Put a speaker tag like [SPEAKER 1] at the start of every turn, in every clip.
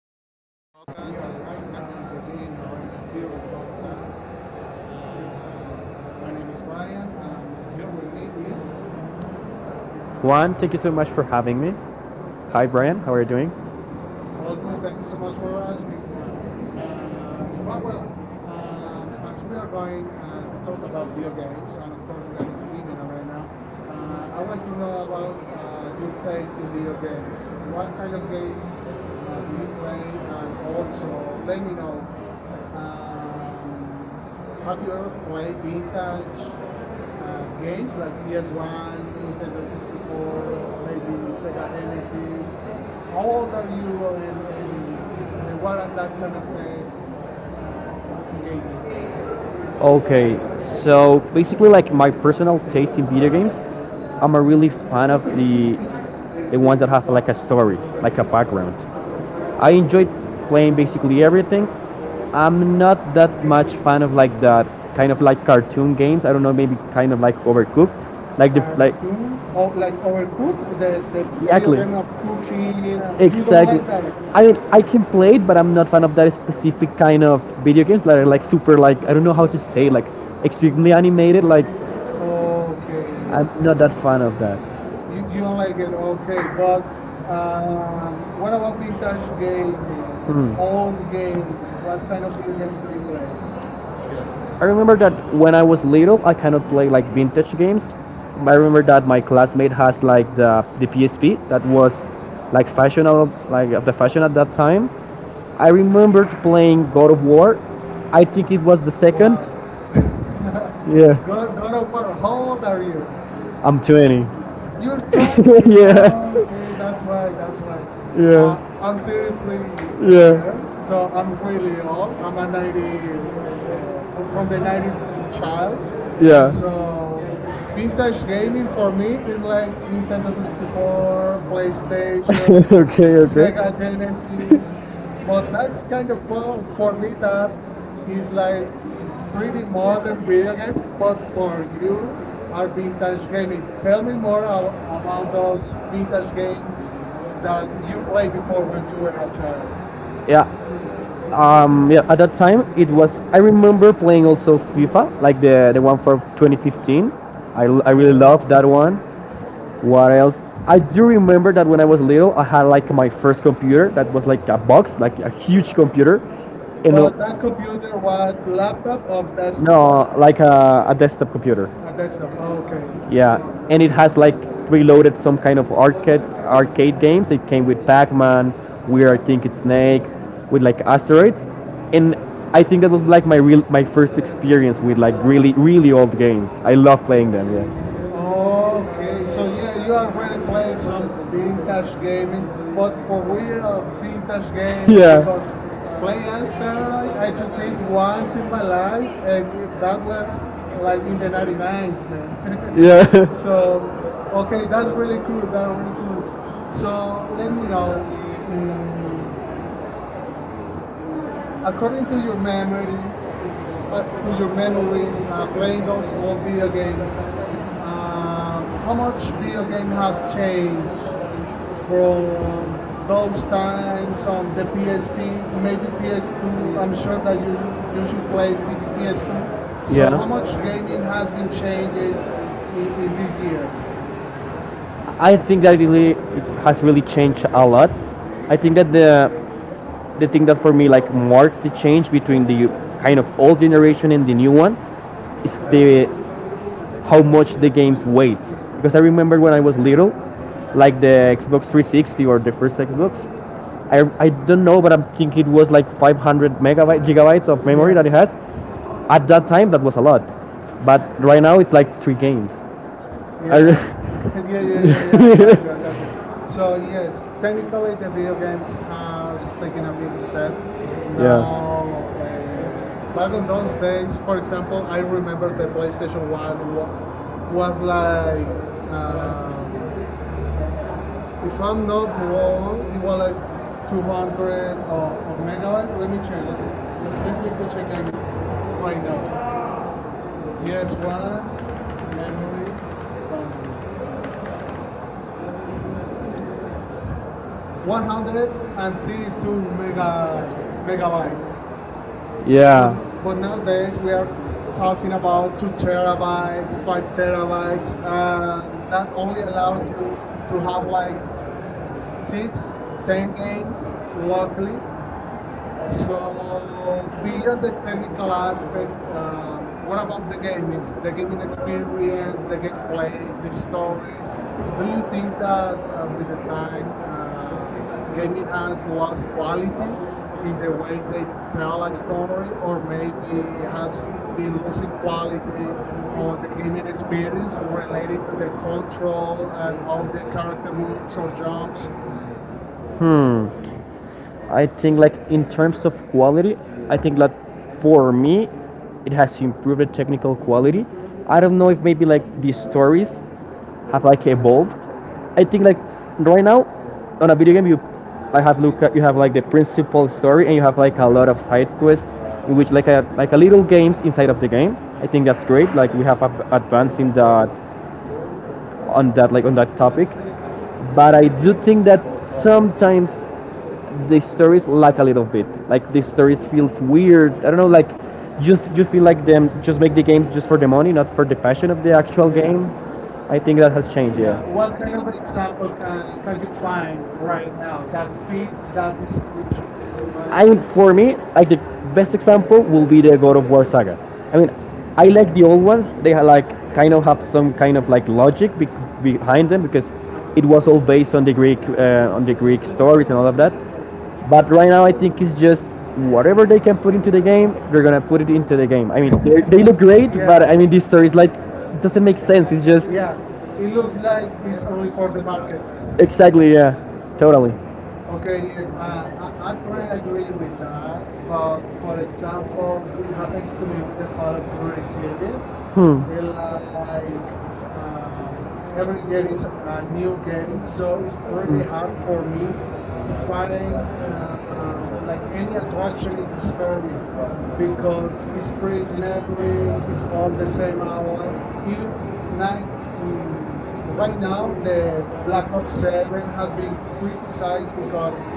[SPEAKER 1] program.
[SPEAKER 2] podcast. Uh,
[SPEAKER 1] We
[SPEAKER 2] we are
[SPEAKER 1] are
[SPEAKER 2] right
[SPEAKER 1] right
[SPEAKER 2] now in
[SPEAKER 1] now in the
[SPEAKER 2] the
[SPEAKER 1] beginning
[SPEAKER 2] gaming
[SPEAKER 1] of
[SPEAKER 2] arena
[SPEAKER 1] our
[SPEAKER 2] here in Bogota.
[SPEAKER 1] beautiful. My
[SPEAKER 2] Um, my name
[SPEAKER 1] name
[SPEAKER 2] is
[SPEAKER 1] is Brian
[SPEAKER 2] Brian.
[SPEAKER 1] and here
[SPEAKER 2] Here with
[SPEAKER 1] with
[SPEAKER 2] me is
[SPEAKER 1] me is Juan, thank you so much for having me. Hi, Brian. How are you doing? Well,
[SPEAKER 2] all
[SPEAKER 1] good.
[SPEAKER 2] good.
[SPEAKER 1] Thank
[SPEAKER 2] Thank you
[SPEAKER 1] you so
[SPEAKER 2] so
[SPEAKER 1] much
[SPEAKER 2] much
[SPEAKER 1] for
[SPEAKER 2] for
[SPEAKER 1] asking.
[SPEAKER 2] asking, Juan. Juan, well,
[SPEAKER 1] As
[SPEAKER 2] as
[SPEAKER 1] we
[SPEAKER 2] we are
[SPEAKER 1] are going
[SPEAKER 2] going to
[SPEAKER 1] to
[SPEAKER 2] talk
[SPEAKER 1] talk about
[SPEAKER 2] about
[SPEAKER 1] video
[SPEAKER 2] video
[SPEAKER 1] games,
[SPEAKER 2] games,
[SPEAKER 1] and
[SPEAKER 2] and
[SPEAKER 1] of
[SPEAKER 2] of course,
[SPEAKER 1] course
[SPEAKER 2] we are
[SPEAKER 1] we are in
[SPEAKER 2] in
[SPEAKER 1] the
[SPEAKER 2] the gaming
[SPEAKER 1] gaming arena,
[SPEAKER 2] arena,
[SPEAKER 1] I
[SPEAKER 2] I
[SPEAKER 1] want
[SPEAKER 2] want
[SPEAKER 1] to
[SPEAKER 2] to
[SPEAKER 1] know
[SPEAKER 2] know
[SPEAKER 1] about
[SPEAKER 2] about
[SPEAKER 1] your
[SPEAKER 2] your
[SPEAKER 1] taste
[SPEAKER 2] taste
[SPEAKER 1] in
[SPEAKER 2] in
[SPEAKER 1] video
[SPEAKER 2] video
[SPEAKER 1] games.
[SPEAKER 2] games.
[SPEAKER 1] What
[SPEAKER 2] What
[SPEAKER 1] kind
[SPEAKER 2] kind
[SPEAKER 1] of
[SPEAKER 2] of
[SPEAKER 1] games
[SPEAKER 2] games
[SPEAKER 1] do
[SPEAKER 2] do
[SPEAKER 1] you
[SPEAKER 2] you
[SPEAKER 1] play?
[SPEAKER 2] play?
[SPEAKER 1] And
[SPEAKER 2] And
[SPEAKER 1] also,
[SPEAKER 2] also,
[SPEAKER 1] let
[SPEAKER 2] let
[SPEAKER 1] me
[SPEAKER 2] me
[SPEAKER 1] know
[SPEAKER 2] know. Um,
[SPEAKER 1] uh,
[SPEAKER 2] have
[SPEAKER 1] have you
[SPEAKER 2] you
[SPEAKER 1] ever
[SPEAKER 2] ever
[SPEAKER 1] played
[SPEAKER 2] played
[SPEAKER 1] vintage
[SPEAKER 2] vintage
[SPEAKER 1] games
[SPEAKER 2] games
[SPEAKER 1] like
[SPEAKER 2] like PS1,
[SPEAKER 1] PS1, Nintendo
[SPEAKER 2] Nintendo 64,
[SPEAKER 1] 64,
[SPEAKER 2] maybe
[SPEAKER 1] maybe Sega
[SPEAKER 2] Sega
[SPEAKER 1] Genesis?
[SPEAKER 2] Genesis? How
[SPEAKER 1] How
[SPEAKER 2] old
[SPEAKER 1] old are
[SPEAKER 2] are
[SPEAKER 1] you
[SPEAKER 2] you,
[SPEAKER 1] and, and,
[SPEAKER 2] and
[SPEAKER 1] and what
[SPEAKER 2] what
[SPEAKER 1] are
[SPEAKER 2] are
[SPEAKER 1] that
[SPEAKER 2] that
[SPEAKER 1] kind
[SPEAKER 2] kind
[SPEAKER 1] of
[SPEAKER 2] of
[SPEAKER 1] games?
[SPEAKER 2] tests on gaming?
[SPEAKER 1] Okay, so basically, like my personal taste in video games, I'm a really fan of the ones that have like a story, like a background. I enjoyed playing basically everything. I'm not that much fan of like that kind of like cartoon games. I don't know, maybe kind of like Overcooked, like the like Cartoon,
[SPEAKER 2] Cartoon or
[SPEAKER 1] or like
[SPEAKER 2] like Overcook,
[SPEAKER 1] overcooked, the,
[SPEAKER 2] the, the,
[SPEAKER 1] the
[SPEAKER 2] the video
[SPEAKER 1] Exactly. children
[SPEAKER 2] game
[SPEAKER 1] of
[SPEAKER 2] of
[SPEAKER 1] cooking.
[SPEAKER 2] cooking.
[SPEAKER 1] You
[SPEAKER 2] uh,
[SPEAKER 1] don't
[SPEAKER 2] You don't
[SPEAKER 1] Exactly.
[SPEAKER 2] like
[SPEAKER 1] like that. I
[SPEAKER 2] that?
[SPEAKER 1] don't, I can play it, but I'm not fan of that specific kind of video games that are like super like I don't know how to say like extremely animated. Like Okay.
[SPEAKER 2] Okay,
[SPEAKER 1] I'm not
[SPEAKER 2] okay.
[SPEAKER 1] that fan of that. You,
[SPEAKER 2] You,
[SPEAKER 1] you
[SPEAKER 2] you
[SPEAKER 1] don't
[SPEAKER 2] don't
[SPEAKER 1] like
[SPEAKER 2] like
[SPEAKER 1] it,
[SPEAKER 2] it?
[SPEAKER 1] okay,
[SPEAKER 2] Okay,
[SPEAKER 1] but
[SPEAKER 2] but uh,
[SPEAKER 1] uh,
[SPEAKER 2] what
[SPEAKER 1] what
[SPEAKER 2] about
[SPEAKER 1] about
[SPEAKER 2] vintage
[SPEAKER 1] vintage games?
[SPEAKER 2] gaming?
[SPEAKER 1] Hmm.
[SPEAKER 2] Old
[SPEAKER 1] Old games?
[SPEAKER 2] games. What
[SPEAKER 1] What kind
[SPEAKER 2] kind of
[SPEAKER 1] of
[SPEAKER 2] video
[SPEAKER 1] video games
[SPEAKER 2] games
[SPEAKER 1] do
[SPEAKER 2] do
[SPEAKER 1] you
[SPEAKER 2] you
[SPEAKER 1] play?
[SPEAKER 2] play?
[SPEAKER 1] I remember that when I was little, I kind of played like vintage games. I remember that my classmate has like the PSP that was like fashionable, like the fashion at that time. I remembered playing God of War. I think it was the second.
[SPEAKER 2] Wow.
[SPEAKER 1] Yeah,
[SPEAKER 2] God,
[SPEAKER 1] good.
[SPEAKER 2] God of War, how old are you?
[SPEAKER 1] I'm 20.
[SPEAKER 2] You're
[SPEAKER 1] Okay,
[SPEAKER 2] 20.
[SPEAKER 1] yeah.
[SPEAKER 2] Oh, okay,
[SPEAKER 1] Okay, that's why.
[SPEAKER 2] that's why.
[SPEAKER 1] That's
[SPEAKER 2] Uh, I'm
[SPEAKER 1] yeah,
[SPEAKER 2] 33
[SPEAKER 1] Uh,
[SPEAKER 2] years,
[SPEAKER 1] yeah, so
[SPEAKER 2] so
[SPEAKER 1] I'm,
[SPEAKER 2] I'm really old.
[SPEAKER 1] I'm
[SPEAKER 2] I'm a
[SPEAKER 1] a 90,
[SPEAKER 2] 90, from
[SPEAKER 1] the
[SPEAKER 2] the
[SPEAKER 1] 90s
[SPEAKER 2] 90s
[SPEAKER 1] child.
[SPEAKER 2] child.
[SPEAKER 1] Yeah.
[SPEAKER 2] So vintage gaming for me is like Nintendo
[SPEAKER 1] This is
[SPEAKER 2] 64,
[SPEAKER 1] before
[SPEAKER 2] PlayStation,
[SPEAKER 1] PlayStation, okay, okay.
[SPEAKER 2] Sega
[SPEAKER 1] Sega
[SPEAKER 2] Genesis. But that's kind of fun for me. That
[SPEAKER 1] he's
[SPEAKER 2] is like
[SPEAKER 1] like
[SPEAKER 2] pretty
[SPEAKER 1] pretty
[SPEAKER 2] modern video
[SPEAKER 1] weird,
[SPEAKER 2] games,
[SPEAKER 1] but
[SPEAKER 2] but
[SPEAKER 1] for
[SPEAKER 2] for
[SPEAKER 1] you,
[SPEAKER 2] you
[SPEAKER 1] I
[SPEAKER 2] are vintage gaming. Tell me more
[SPEAKER 1] get all
[SPEAKER 2] about
[SPEAKER 1] those
[SPEAKER 2] those
[SPEAKER 1] video
[SPEAKER 2] vintage
[SPEAKER 1] games
[SPEAKER 2] games
[SPEAKER 1] that
[SPEAKER 2] that you
[SPEAKER 1] you play
[SPEAKER 2] played before when
[SPEAKER 1] before.
[SPEAKER 2] you were a child.
[SPEAKER 1] Yeah, yeah, at that time it was. I remember playing also FIFA, like the one for 2015. I really
[SPEAKER 2] Oh,
[SPEAKER 1] loved that one. What else? I do remember that when I was little, I had like my first computer that was like a box, like a huge computer, and
[SPEAKER 2] but
[SPEAKER 1] well,
[SPEAKER 2] that computer
[SPEAKER 1] that's
[SPEAKER 2] was laptop or
[SPEAKER 1] laptop. That's
[SPEAKER 2] desktop?
[SPEAKER 1] no, like a desktop computer.
[SPEAKER 2] A desktop. Oh, okay.
[SPEAKER 1] Okay.
[SPEAKER 2] okay.
[SPEAKER 1] Yeah, and it has like preloaded some kind of arcade games. It came with Pac-Man, We Are Thinking Snake, with like asteroids, and I think that was like my first experience with like really old games. I love playing them. Yeah.
[SPEAKER 2] Okay,
[SPEAKER 1] Okay.
[SPEAKER 2] so
[SPEAKER 1] So
[SPEAKER 2] yeah, you already played some
[SPEAKER 1] vintage
[SPEAKER 2] vintage gaming,
[SPEAKER 1] gaming,
[SPEAKER 2] but
[SPEAKER 1] but for
[SPEAKER 2] for
[SPEAKER 1] real
[SPEAKER 2] real
[SPEAKER 1] vintage
[SPEAKER 2] vintage
[SPEAKER 1] games.
[SPEAKER 2] gaming,
[SPEAKER 1] Yeah. Because
[SPEAKER 2] because play
[SPEAKER 1] play
[SPEAKER 2] as
[SPEAKER 1] Asteroid
[SPEAKER 2] steroid
[SPEAKER 1] I
[SPEAKER 2] I
[SPEAKER 1] just
[SPEAKER 2] just did
[SPEAKER 1] did once
[SPEAKER 2] once
[SPEAKER 1] in
[SPEAKER 2] in my
[SPEAKER 1] my
[SPEAKER 2] life,
[SPEAKER 1] life and
[SPEAKER 2] and that was
[SPEAKER 1] like
[SPEAKER 2] like
[SPEAKER 1] in
[SPEAKER 2] in
[SPEAKER 1] the
[SPEAKER 2] the 99s,
[SPEAKER 1] 99s,
[SPEAKER 2] man.
[SPEAKER 1] man. Yeah. So,
[SPEAKER 2] So,
[SPEAKER 1] okay,
[SPEAKER 2] okay,
[SPEAKER 1] that's
[SPEAKER 2] that's
[SPEAKER 1] really
[SPEAKER 2] really
[SPEAKER 1] cool.
[SPEAKER 2] cool. That's
[SPEAKER 1] That's
[SPEAKER 2] really
[SPEAKER 1] really
[SPEAKER 2] cool.
[SPEAKER 1] cool.
[SPEAKER 2] So let me
[SPEAKER 1] So,
[SPEAKER 2] know. mm,
[SPEAKER 1] uh, across
[SPEAKER 2] According to your
[SPEAKER 1] memory,
[SPEAKER 2] memory,
[SPEAKER 1] uh,
[SPEAKER 2] playing
[SPEAKER 1] in those
[SPEAKER 2] those old
[SPEAKER 1] words,
[SPEAKER 2] video games, uh,
[SPEAKER 1] how
[SPEAKER 2] how
[SPEAKER 1] much
[SPEAKER 2] much video game
[SPEAKER 1] has
[SPEAKER 2] has
[SPEAKER 1] changed
[SPEAKER 2] changed from
[SPEAKER 1] from those
[SPEAKER 2] those times on
[SPEAKER 1] from the
[SPEAKER 2] the
[SPEAKER 1] PSP,
[SPEAKER 2] PSP, maybe
[SPEAKER 1] maybe
[SPEAKER 2] PS2?
[SPEAKER 1] PS2?
[SPEAKER 2] I'm
[SPEAKER 1] I'm sure
[SPEAKER 2] sure
[SPEAKER 1] that
[SPEAKER 2] that
[SPEAKER 1] you
[SPEAKER 2] you
[SPEAKER 1] you
[SPEAKER 2] you
[SPEAKER 1] should
[SPEAKER 2] should
[SPEAKER 1] play
[SPEAKER 2] play
[SPEAKER 1] with the
[SPEAKER 2] PS2.
[SPEAKER 1] PS2. So
[SPEAKER 2] So
[SPEAKER 1] yeah. How
[SPEAKER 2] how much
[SPEAKER 1] much
[SPEAKER 2] gaming
[SPEAKER 1] it has
[SPEAKER 2] has
[SPEAKER 1] been
[SPEAKER 2] been
[SPEAKER 1] changed
[SPEAKER 2] changed
[SPEAKER 1] in
[SPEAKER 2] in these
[SPEAKER 1] these years?
[SPEAKER 2] years?
[SPEAKER 1] I think that really it has really changed a lot. I think that the thing that for me like marked the change between the kind of old generation and the new one is the how much the games weight. Because I remember when I was little, like the Xbox 360 or the first Xbox, I don't know, but I think it was like 500 megabytes, gigabytes of memory that it
[SPEAKER 2] Yes,
[SPEAKER 1] has. At that time, that was a lot, but right now it's like three games. Yeah,
[SPEAKER 2] yeah, yeah,
[SPEAKER 1] yeah,
[SPEAKER 2] yeah,
[SPEAKER 1] yeah,
[SPEAKER 2] yeah.
[SPEAKER 1] yeah, yeah.
[SPEAKER 2] yeah, I got
[SPEAKER 1] Gotcha,
[SPEAKER 2] you, got you.
[SPEAKER 1] gotcha. So
[SPEAKER 2] So yes,
[SPEAKER 1] yes, technically
[SPEAKER 2] technically the
[SPEAKER 1] the
[SPEAKER 2] video
[SPEAKER 1] video games
[SPEAKER 2] games
[SPEAKER 1] are
[SPEAKER 2] has taken a big step.
[SPEAKER 1] means.
[SPEAKER 2] Now,
[SPEAKER 1] Yeah.
[SPEAKER 2] uh,
[SPEAKER 1] Now,
[SPEAKER 2] back on
[SPEAKER 1] back those
[SPEAKER 2] those
[SPEAKER 1] days,
[SPEAKER 2] days, for example, I remember
[SPEAKER 1] remember the
[SPEAKER 2] the PlayStation
[SPEAKER 1] PlayStation
[SPEAKER 2] One
[SPEAKER 1] wa- was
[SPEAKER 2] was
[SPEAKER 1] like
[SPEAKER 2] like. Um,
[SPEAKER 1] um,
[SPEAKER 2] if I'm not wrong, it
[SPEAKER 1] well,
[SPEAKER 2] was like
[SPEAKER 1] like
[SPEAKER 2] 200
[SPEAKER 1] 200 or
[SPEAKER 2] of megabytes. Let me check. Let's make the check
[SPEAKER 1] why
[SPEAKER 2] right now.
[SPEAKER 1] not?
[SPEAKER 2] PS1 memory bandwidth,
[SPEAKER 1] Yeah. 100 and,
[SPEAKER 2] 132
[SPEAKER 1] uh,
[SPEAKER 2] megabytes.
[SPEAKER 1] megabytes.
[SPEAKER 2] Megabytes. But,
[SPEAKER 1] Yeah.
[SPEAKER 2] but
[SPEAKER 1] Those days
[SPEAKER 2] nowadays we
[SPEAKER 1] we
[SPEAKER 2] are
[SPEAKER 1] are
[SPEAKER 2] talking
[SPEAKER 1] talking
[SPEAKER 2] about
[SPEAKER 1] about 2
[SPEAKER 2] 2
[SPEAKER 1] terabytes,
[SPEAKER 2] terabytes, 5
[SPEAKER 1] 5
[SPEAKER 2] terabytes,
[SPEAKER 1] terabytes.
[SPEAKER 2] and that only allows you to have like 6, 10 games locally. So beyond the technical aspect,
[SPEAKER 1] Uh,
[SPEAKER 2] what about
[SPEAKER 1] about the game, the
[SPEAKER 2] the gaming
[SPEAKER 1] gaming experience,
[SPEAKER 2] experience,
[SPEAKER 1] the
[SPEAKER 2] the
[SPEAKER 1] gameplay,
[SPEAKER 2] gameplay, the
[SPEAKER 1] the stories.
[SPEAKER 2] stories?
[SPEAKER 1] Do
[SPEAKER 2] Do
[SPEAKER 1] you
[SPEAKER 2] you
[SPEAKER 1] think
[SPEAKER 2] think
[SPEAKER 1] that
[SPEAKER 2] that
[SPEAKER 1] with
[SPEAKER 2] with the
[SPEAKER 1] the time,
[SPEAKER 2] time,
[SPEAKER 1] gaming
[SPEAKER 2] gaming
[SPEAKER 1] has
[SPEAKER 2] has lost
[SPEAKER 1] quality?
[SPEAKER 2] quality in the way they tell a story, or maybe
[SPEAKER 1] Has
[SPEAKER 2] has
[SPEAKER 1] been
[SPEAKER 2] been
[SPEAKER 1] lately
[SPEAKER 2] losing quality on
[SPEAKER 1] like
[SPEAKER 2] the gaming experience related to the control and how the character moves or jumps?
[SPEAKER 1] hmm. I think like in terms of quality, I think that for me, it has improved the technical quality. I don't know if maybe like the stories have like evolved. I think like right now on a video game you I have look at you have like the principal story and you have like a lot of side quests in which like a little games inside of the game. I think that's great. Like we have advanced in that on that topic. But I do think that sometimes the stories lack a little bit. Like the stories feels weird. I don't know like you feel like them just make the game just for the money, not for the passion of the actual
[SPEAKER 2] Yeah.
[SPEAKER 1] game. I think that has changed, yeah.
[SPEAKER 2] Yeah, what kind of example can you find right now that fit that description?
[SPEAKER 1] I mean, for me, like the best example will be the God of War saga. I mean, I like the old ones. Like kind of have some kind of like logic behind them because it was all based on the Greek stories and all of that. But right now, I think it's just whatever they can put into the game, they're gonna put it into the game. I mean, they look great. Yeah.
[SPEAKER 2] Yeah,
[SPEAKER 1] But I mean, this story is like it doesn't make sense. It's just yeah,
[SPEAKER 2] yeah.
[SPEAKER 1] it
[SPEAKER 2] It
[SPEAKER 1] looks
[SPEAKER 2] looks
[SPEAKER 1] like
[SPEAKER 2] like
[SPEAKER 1] it's
[SPEAKER 2] it's
[SPEAKER 1] only
[SPEAKER 2] only for
[SPEAKER 1] for the
[SPEAKER 2] the
[SPEAKER 1] market.
[SPEAKER 2] market.
[SPEAKER 1] Exactly, yeah, totally.
[SPEAKER 2] Okay, yes, I pretty agree with
[SPEAKER 1] Next
[SPEAKER 2] that. But for example, it happens to me with the Call of Duty series.
[SPEAKER 1] hmm.
[SPEAKER 2] It
[SPEAKER 1] Like,
[SPEAKER 2] Like um, every
[SPEAKER 1] uh, there
[SPEAKER 2] year
[SPEAKER 1] is
[SPEAKER 2] is
[SPEAKER 1] a
[SPEAKER 2] a
[SPEAKER 1] brand new
[SPEAKER 2] new game, so it's pretty
[SPEAKER 1] hard
[SPEAKER 2] hard for
[SPEAKER 1] for
[SPEAKER 2] me to
[SPEAKER 1] me. Like,
[SPEAKER 2] find like any attraction in the
[SPEAKER 1] uh,
[SPEAKER 2] story,
[SPEAKER 1] because
[SPEAKER 2] because
[SPEAKER 1] it's
[SPEAKER 2] it's pretty
[SPEAKER 1] pretty
[SPEAKER 2] generic.
[SPEAKER 1] neighboring, it's
[SPEAKER 2] It's all
[SPEAKER 1] all the
[SPEAKER 2] the
[SPEAKER 1] same
[SPEAKER 2] same
[SPEAKER 1] hour.
[SPEAKER 2] out. Even
[SPEAKER 1] Even not,
[SPEAKER 2] like mm, right
[SPEAKER 1] right now,
[SPEAKER 2] now,
[SPEAKER 1] the
[SPEAKER 2] the Black
[SPEAKER 1] Black Ops
[SPEAKER 2] Ops
[SPEAKER 1] 7
[SPEAKER 2] Seven
[SPEAKER 1] has
[SPEAKER 2] has
[SPEAKER 1] been
[SPEAKER 2] been
[SPEAKER 1] criticized
[SPEAKER 2] criticized
[SPEAKER 1] because
[SPEAKER 2] because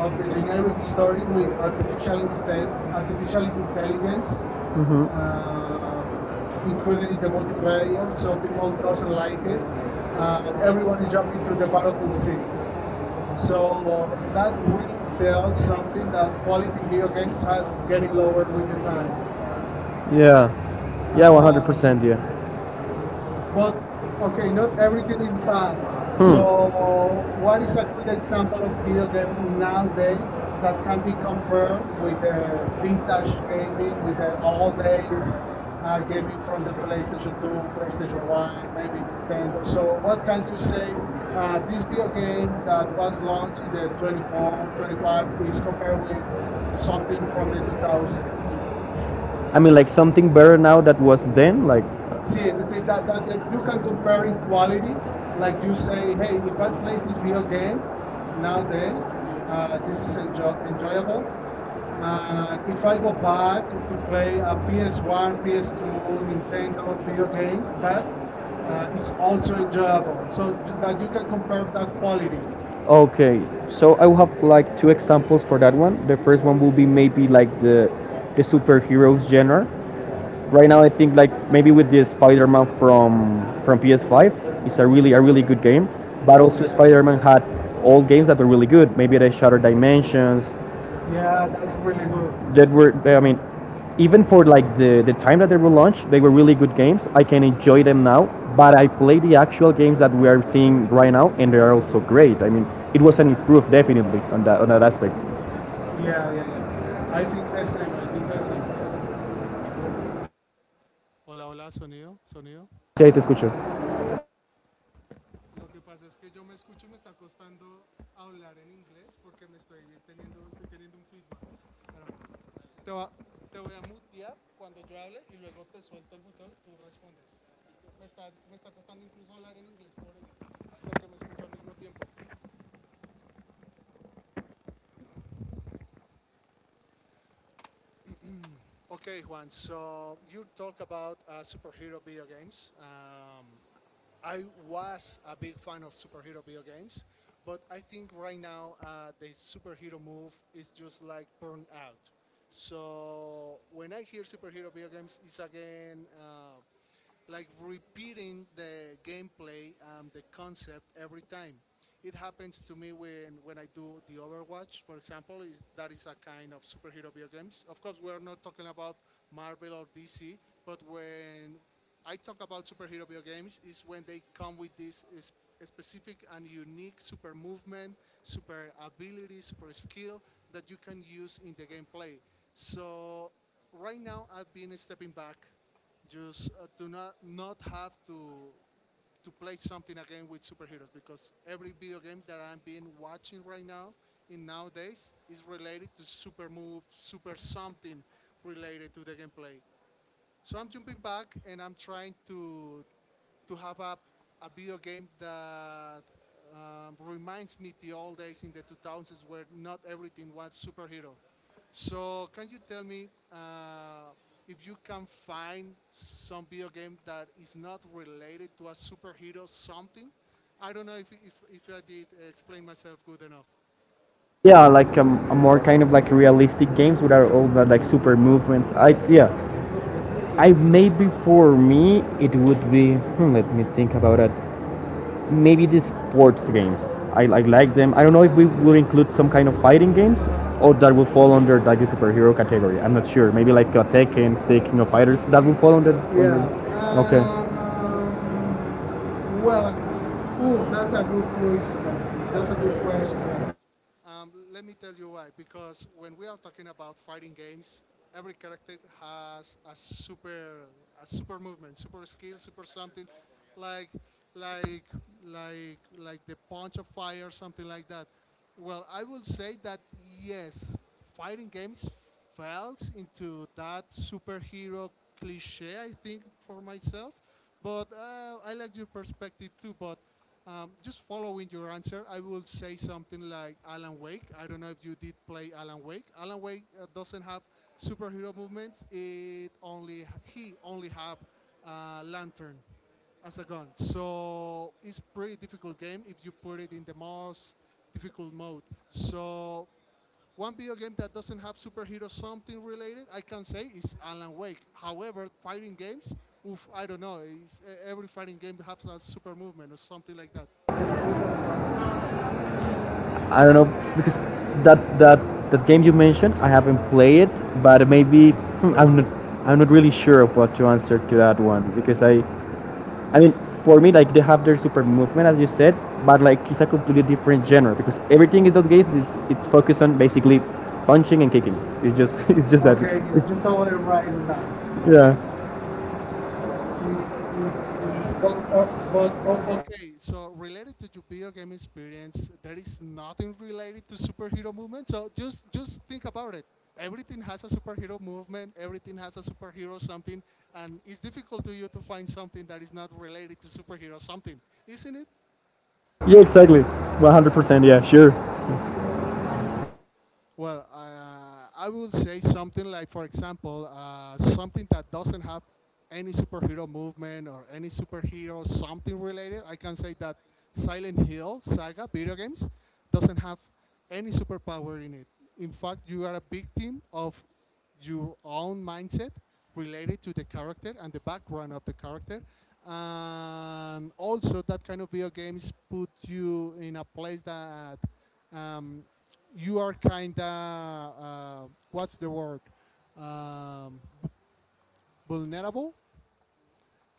[SPEAKER 1] of the
[SPEAKER 2] the generic
[SPEAKER 1] generic story
[SPEAKER 2] story with
[SPEAKER 1] with artificial, artificial
[SPEAKER 2] artificial
[SPEAKER 1] intelligence,
[SPEAKER 2] intelligence
[SPEAKER 1] hmm uh,
[SPEAKER 2] um, included
[SPEAKER 1] including
[SPEAKER 2] in
[SPEAKER 1] the
[SPEAKER 2] the
[SPEAKER 1] multiplayer,
[SPEAKER 2] multiplayer,
[SPEAKER 1] so
[SPEAKER 2] so
[SPEAKER 1] people
[SPEAKER 2] people
[SPEAKER 1] doesn't
[SPEAKER 2] doesn't
[SPEAKER 1] like
[SPEAKER 2] like
[SPEAKER 1] it.
[SPEAKER 2] it, and
[SPEAKER 1] Everyone
[SPEAKER 2] everyone
[SPEAKER 1] is
[SPEAKER 2] is jumping
[SPEAKER 1] jumping to
[SPEAKER 2] to
[SPEAKER 1] the
[SPEAKER 2] the
[SPEAKER 1] Battlefield
[SPEAKER 2] Battlefield
[SPEAKER 1] 6.
[SPEAKER 2] Six.
[SPEAKER 1] So
[SPEAKER 2] So
[SPEAKER 1] that
[SPEAKER 2] that really tells something that quality in
[SPEAKER 1] video
[SPEAKER 2] video
[SPEAKER 1] game
[SPEAKER 2] games
[SPEAKER 1] is
[SPEAKER 2] has
[SPEAKER 1] getting
[SPEAKER 2] getting
[SPEAKER 1] lower
[SPEAKER 2] lower
[SPEAKER 1] with
[SPEAKER 2] with the
[SPEAKER 1] the
[SPEAKER 2] time,
[SPEAKER 1] yeah. Yeah,
[SPEAKER 2] uh,
[SPEAKER 1] 100%, yeah.
[SPEAKER 2] but
[SPEAKER 1] Okay,
[SPEAKER 2] not
[SPEAKER 1] not everything
[SPEAKER 2] everything
[SPEAKER 1] is
[SPEAKER 2] is bad.
[SPEAKER 1] bad. Hmm.
[SPEAKER 2] So,
[SPEAKER 1] So what
[SPEAKER 2] what is
[SPEAKER 1] is
[SPEAKER 2] a good example of video
[SPEAKER 1] the
[SPEAKER 2] game
[SPEAKER 1] now
[SPEAKER 2] nowadays that
[SPEAKER 1] that
[SPEAKER 2] can be compared with the vintage gaming, with the old
[SPEAKER 1] conversation
[SPEAKER 2] days gaming from the PlayStation 2,
[SPEAKER 1] conversation?
[SPEAKER 2] PlayStation 1, maybe Nintendo? So, what can you say? This video game that was launched in the 24, 25 is compared with something from the 2000s.
[SPEAKER 1] I mean, like something better now that was then, like. See, the
[SPEAKER 2] See
[SPEAKER 1] thing
[SPEAKER 2] that,
[SPEAKER 1] that
[SPEAKER 2] that
[SPEAKER 1] you
[SPEAKER 2] you
[SPEAKER 1] can
[SPEAKER 2] can compare in
[SPEAKER 1] quality,
[SPEAKER 2] quality.
[SPEAKER 1] like
[SPEAKER 2] Like
[SPEAKER 1] you
[SPEAKER 2] you
[SPEAKER 1] say,
[SPEAKER 2] say,
[SPEAKER 1] hey,
[SPEAKER 2] hey,
[SPEAKER 1] we
[SPEAKER 2] if I
[SPEAKER 1] can't play
[SPEAKER 2] play
[SPEAKER 1] this
[SPEAKER 2] this
[SPEAKER 1] video
[SPEAKER 2] video
[SPEAKER 1] game.
[SPEAKER 2] game
[SPEAKER 1] Yes,
[SPEAKER 2] nowadays, this
[SPEAKER 1] this is
[SPEAKER 2] is
[SPEAKER 1] enjoy.
[SPEAKER 2] enjoyable. And
[SPEAKER 1] If
[SPEAKER 2] if I
[SPEAKER 1] I go
[SPEAKER 2] go back to play a
[SPEAKER 1] to P
[SPEAKER 2] PS1,
[SPEAKER 1] S
[SPEAKER 2] PS2,
[SPEAKER 1] P
[SPEAKER 2] Nintendo
[SPEAKER 1] to your
[SPEAKER 2] video
[SPEAKER 1] parents,
[SPEAKER 2] games
[SPEAKER 1] but
[SPEAKER 2] back,
[SPEAKER 1] it's
[SPEAKER 2] it's
[SPEAKER 1] oral,
[SPEAKER 2] also enjoyable.
[SPEAKER 1] so
[SPEAKER 2] So
[SPEAKER 1] that
[SPEAKER 2] that
[SPEAKER 1] you
[SPEAKER 2] you can compare that
[SPEAKER 1] can quality.
[SPEAKER 2] quality.
[SPEAKER 1] Okay, so I will have like two examples for that one. The first one will be maybe like the superheroes genre. Right now, I think like maybe with the Spider-Man from PS5, it's a really good game. But
[SPEAKER 2] Oh,
[SPEAKER 1] also Spider-Man had old games that were really good. Maybe the Shattered Dimensions.
[SPEAKER 2] yeah,
[SPEAKER 1] Yeah, that's
[SPEAKER 2] that's really good.
[SPEAKER 1] that were I mean even for like the time that they were launched they were really good games. I can enjoy them now but I play the actual games that we are seeing right now and they are also great. I mean it was an improvement definitely on that aspect. Yeah,
[SPEAKER 2] Yeah, yeah, yeah. I think
[SPEAKER 1] yeah. I
[SPEAKER 2] the same. I think the same. Yeah. Hola, hola, sonido, sonido.
[SPEAKER 1] Sí, ahí te
[SPEAKER 2] Lo que pasa es que yo me escucho y me está costando hablar en inglés porque me estoy estoy teniendo un feedback. Pero no. Te voy a mutear cuando yo hable y luego te suelto el botón y tú respondes. Me está costando incluso hablar en inglés por eso, porque me escucho al mismo tiempo. Okay, Juan. So you talk about superhero video games. I was a big fan of superhero video games, but I think right now the superhero move is just like burned out. So when I hear superhero video games, it's again like repeating the gameplay and the concept every time. It happens to me when I do the Overwatch, for example. Is that is a kind of superhero video games. Of course, we're not talking about Marvel or DC, but when I talk about superhero video games, is when they come with this is specific and unique super movement, super ability, super skill that you can use in the gameplay. So right now I've been stepping back just to not have to play something again with superheroes, because every video game that I'm been watching right now in nowadays is related to super move, super something related to the gameplay. So I'm jumping back and I'm trying to have a video game that reminds me the old days in the 2000s where not everything was superhero. So can you tell me if you can find some video game that is not related to a superhero something? I don't know if I did explain myself good enough.
[SPEAKER 1] yeah like a more kind of like realistic games without all the like super movements I yeah I maybe for me it would be let me think about it. Maybe the sports games. I like them. I don't know if we will include some kind of fighting games or that would fall under like the superhero category. I'm not sure. Maybe like Tekken, the of Fighters, that would fall under. Yeah.
[SPEAKER 2] Yeah.
[SPEAKER 1] Under- okay.
[SPEAKER 2] Um,
[SPEAKER 1] Well,
[SPEAKER 2] well,
[SPEAKER 1] ooh,
[SPEAKER 2] Ooh,
[SPEAKER 1] that's
[SPEAKER 2] that's
[SPEAKER 1] a
[SPEAKER 2] a
[SPEAKER 1] good
[SPEAKER 2] good
[SPEAKER 1] question.
[SPEAKER 2] question.
[SPEAKER 1] That's
[SPEAKER 2] That's
[SPEAKER 1] a
[SPEAKER 2] a good
[SPEAKER 1] good
[SPEAKER 2] question.
[SPEAKER 1] question.
[SPEAKER 2] Let me tell you why. Because when we are talking about fighting games, every character has a super movement, super skill, super something, like, like, like the punch of fire, something like that. Well, I will say that yes, fighting games falls into that superhero cliche. I think for myself, but I like your perspective too. But just following your answer, I will say something like Alan Wake. I don't know if you did play Alan Wake. Alan Wake doesn't have superhero movements. It only he only have lantern as a gun. So it's pretty difficult game if you put it in the most difficult mode. So one video game that doesn't have superhero something related, I can say, is Alan Wake. However, fighting games, oof, I don't know. Every fighting game has a super movement or something like that.
[SPEAKER 1] I don't know because that that that game you mentioned, I haven't played it, but maybe hmm, I'm not I'm not really sure of what to answer to that one because I mean, for me, like they have their super movement, as you said, but like it's a completely different genre because everything in those games is it's focused on basically punching and kicking. It's just it's just that.
[SPEAKER 2] Okay,
[SPEAKER 1] Okay,
[SPEAKER 2] yes,
[SPEAKER 1] it's
[SPEAKER 2] you're
[SPEAKER 1] been totally
[SPEAKER 2] totally
[SPEAKER 1] right
[SPEAKER 2] right
[SPEAKER 1] in
[SPEAKER 2] on that.
[SPEAKER 1] that. Yeah.
[SPEAKER 2] Yeah.
[SPEAKER 1] Uh, but, oh,
[SPEAKER 2] Okay, so related to your video game experience, there is nothing related to superhero movement. So just think about it. Everything has a superhero movement. Everything has a superhero something, and it's difficult to you to find something that is not related to superhero something, isn't it?
[SPEAKER 1] yeah, exactly. 100%. Yeah, sure.
[SPEAKER 2] Well, I would say something like, for example, something that doesn't have any superhero movement or any superhero something related. I can say that Silent Hill saga video games doesn't have any superpower in it. In fact, you are a victim of your own mindset related to the character and the background of the character. And also, that kind of video games put you in a place that um, you are kind of what's the word um, vulnerable,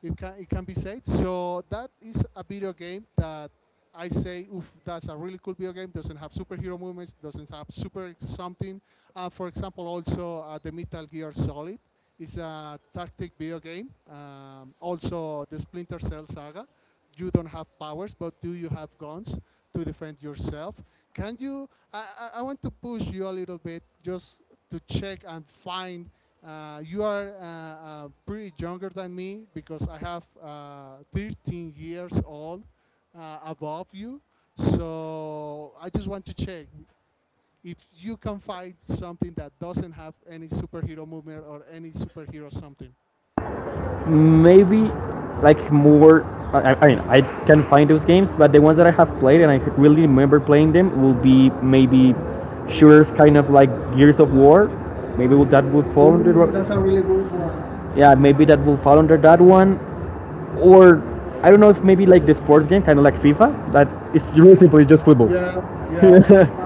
[SPEAKER 2] it can be said. So that is a video game that I say, oof, that's a really cool video game. Doesn't have superhero movements. Doesn't have super something. For example, also the Metal Gear Solid is a tactic video game. Also the Splinter Cell Saga. You don't have powers, but do you have guns to defend yourself? Can you? I want to push you a little bit, just to check and find you are pretty younger than me because I have 13 years old above you. So I just want to check if you can find something that doesn't have any superhero movement or any superhero something.
[SPEAKER 1] Maybe like more I mean I can find those games but the ones that I have played and I really remember playing them will be maybe shooters kind of like gears of war maybe that would
[SPEAKER 2] Ooh,
[SPEAKER 1] fall under that's
[SPEAKER 2] that's
[SPEAKER 1] a
[SPEAKER 2] a really
[SPEAKER 1] really good one. Yeah maybe that will fall under that one or I don't know if maybe like the sports game kind of like fifa that is really simple it's just football.
[SPEAKER 2] good. Yeah,
[SPEAKER 1] Yeah,
[SPEAKER 2] yeah.
[SPEAKER 1] yeah.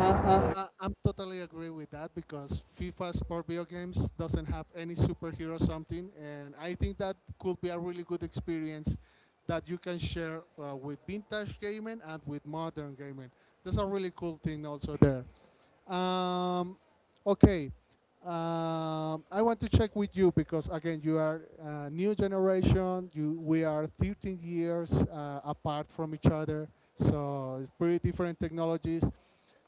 [SPEAKER 2] I'm totally agree with that because FIFA sport video games doesn't have any superhero something, and I think that could be a really good experience that you can share with vintage gaming and with modern gaming. That's a really cool thing also there. Um, okay, I want to check with you because again you are new generation. You We are 13 years apart from each other, so it's pretty different technologies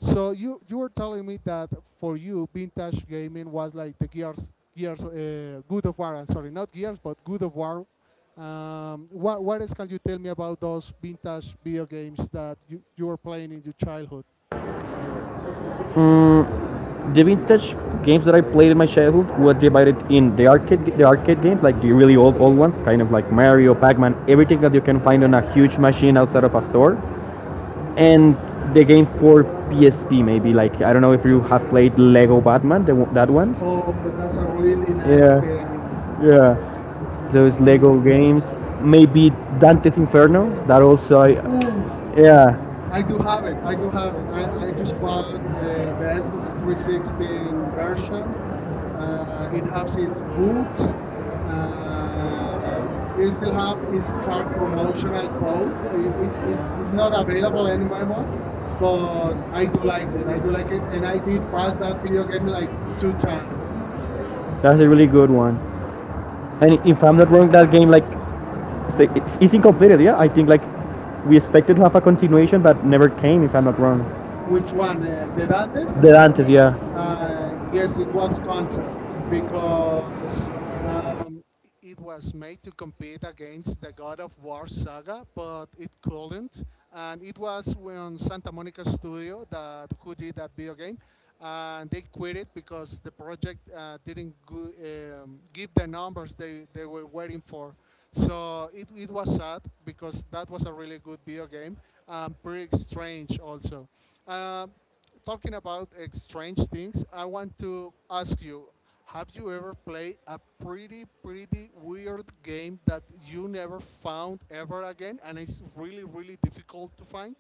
[SPEAKER 2] so you were telling me that for you vintage gaming was like the Gears Gears Good of War. I'm sorry, not Gears, but Good of War. What else can you tell me about those vintage video games that you were playing in your childhood?
[SPEAKER 1] The vintage games that I played in my childhood were divided in the arcade games, like the really old ones, kind of like Mario, Pac-Man, everything that you can find on a huge machine outside of a store, and the game for PSP, maybe like I don't know if you have played Lego Batman, that one. Oh,
[SPEAKER 2] Oh,
[SPEAKER 1] but that's
[SPEAKER 2] that's
[SPEAKER 1] a
[SPEAKER 2] a
[SPEAKER 1] really
[SPEAKER 2] really
[SPEAKER 1] nice.
[SPEAKER 2] nice
[SPEAKER 1] Yeah.
[SPEAKER 2] game.
[SPEAKER 1] Game. Yeah, those Lego
[SPEAKER 2] Mm.
[SPEAKER 1] games. Maybe Dante's Inferno. That also,
[SPEAKER 2] Ooh,
[SPEAKER 1] yeah.
[SPEAKER 2] I do have it. I do have it. I just bought the Xbox 360 version, uh, it helps his books.
[SPEAKER 1] You
[SPEAKER 2] It still
[SPEAKER 1] still
[SPEAKER 2] has
[SPEAKER 1] have is
[SPEAKER 2] its
[SPEAKER 1] card
[SPEAKER 2] card
[SPEAKER 1] promotional
[SPEAKER 2] promotional
[SPEAKER 1] code.
[SPEAKER 2] code. It
[SPEAKER 1] It
[SPEAKER 2] is
[SPEAKER 1] is not
[SPEAKER 2] not
[SPEAKER 1] available
[SPEAKER 2] available
[SPEAKER 1] anymore,
[SPEAKER 2] anymore,
[SPEAKER 1] but
[SPEAKER 2] but
[SPEAKER 1] I
[SPEAKER 2] I do like it. I do
[SPEAKER 1] like
[SPEAKER 2] like it, and I did pass that
[SPEAKER 1] that video
[SPEAKER 2] video game
[SPEAKER 1] game.
[SPEAKER 2] like two times.
[SPEAKER 1] That's a really good one. And if I'm not wrong, that game like incomplete. Yeah, I think like we expected to have a continuation, but never came. If I'm not wrong, which
[SPEAKER 2] Which
[SPEAKER 1] was
[SPEAKER 2] one? The Dantes?
[SPEAKER 1] the Dantes. Yeah.
[SPEAKER 2] Yes, it was canceled
[SPEAKER 1] Uh, because
[SPEAKER 2] because
[SPEAKER 1] uh,
[SPEAKER 2] um, it was made to compete against the God of War saga, but it couldn't. And it was when Santa Monica Studio that who did that video game, and they quit it because the project didn't go, give the numbers they were waiting for. So it was sad because that was a really good video game, pretty strange also. Um talking about strange things, I want to ask you: have you ever played a pretty, pretty weird game that you never found ever again, and it's really, really difficult to find?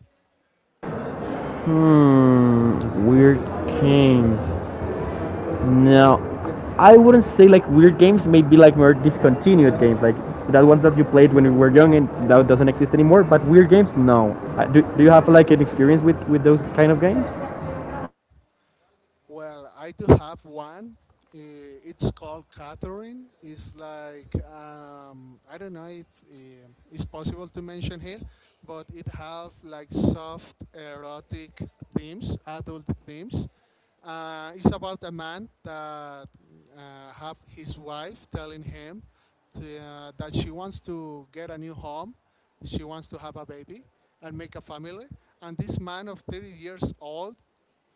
[SPEAKER 1] Hmm. Weird games. No, I wouldn't say like weird games. Maybe like more discontinued games, like that ones that you played when you were young and that doesn't exist anymore. But weird games, no. Do you have like an experience with those kind of games?
[SPEAKER 2] Well, I do have one. It's called Catherine. It's like I don't know if it's possible to mention here, but it have like soft erotic themes, adult themes. It's about a man that have his wife telling him that she wants to get a new home, she wants to have a baby and make a family. And this man of 30 years old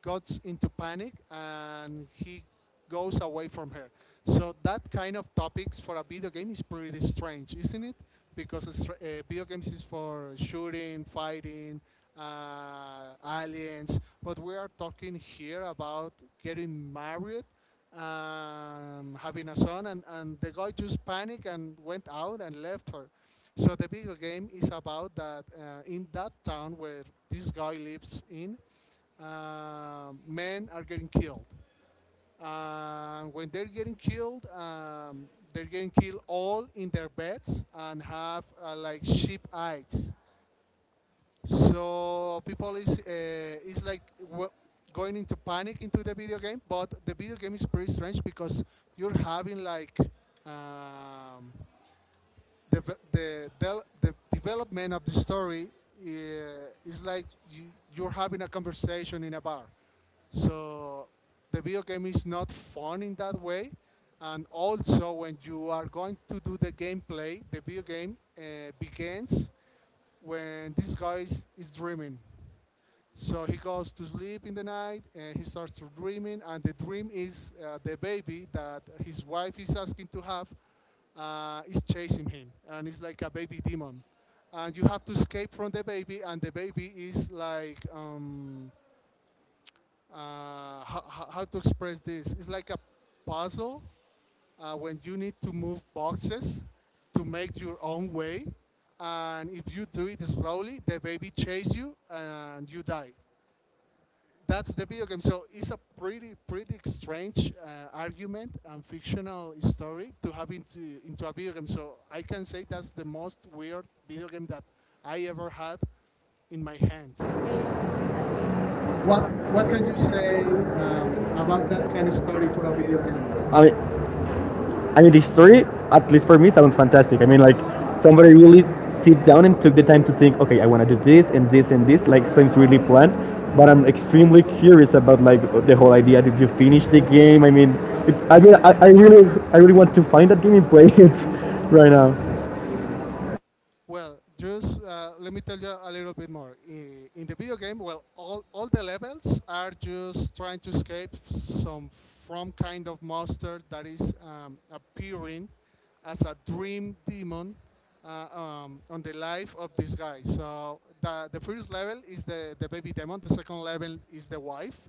[SPEAKER 2] gets into panic and he goes away from her. So that kind of topics for a video game is pretty strange, isn't it? Because it's, video games is for shooting, fighting, aliens, but we are talking here about getting married, having a son, and the guy just panicked and went out and left her. So the video game is about that in that town where this guy lives in, men are getting killed. And when they're getting killed all in their beds and have like sheep eyes. So people is like going into panic into the video game. But the video game is pretty strange because you're having like um, the the development of the story uh, is like you, you're having a conversation in a bar so the video game is not fun in that way. And also, when you are going to do the gameplay, the video game begins when this guy is dreaming. So he goes to sleep in the night and he starts to dreaming, and the dream is the baby that his wife is asking to have is chasing him, and it's like a baby demon, and you have to escape from the baby, and the baby is like how to express this. It's like a puzzle when you need to move boxes to make your own way. And if you do it slowly, the baby chases you and you die. That's the video game. So it's a pretty, pretty strange argument and fictional story to have into a video game. So I can say that's the most weird video game that I ever had in my hands. What
[SPEAKER 1] What
[SPEAKER 2] what
[SPEAKER 1] can
[SPEAKER 2] can you
[SPEAKER 1] you
[SPEAKER 2] say
[SPEAKER 1] say?
[SPEAKER 2] um, about that kind of story for a video game?
[SPEAKER 1] Uh, I mean, I mean, the story, at least for me, sounds fantastic. I mean, like somebody really sit down and took the time to think, okay, I want to do this and this and this. Like, seems really planned. But I'm extremely curious about like the whole idea. Did you finish the game? I mean, it, I mean, I really want to find that game and play it right now.
[SPEAKER 2] Well, just let me tell you a little bit more. In the video game, well, all the levels are just trying to escape some from kind of monster that is appearing as a dream demon on the life of this guy. So the first level is the baby demon. The second level is the wife.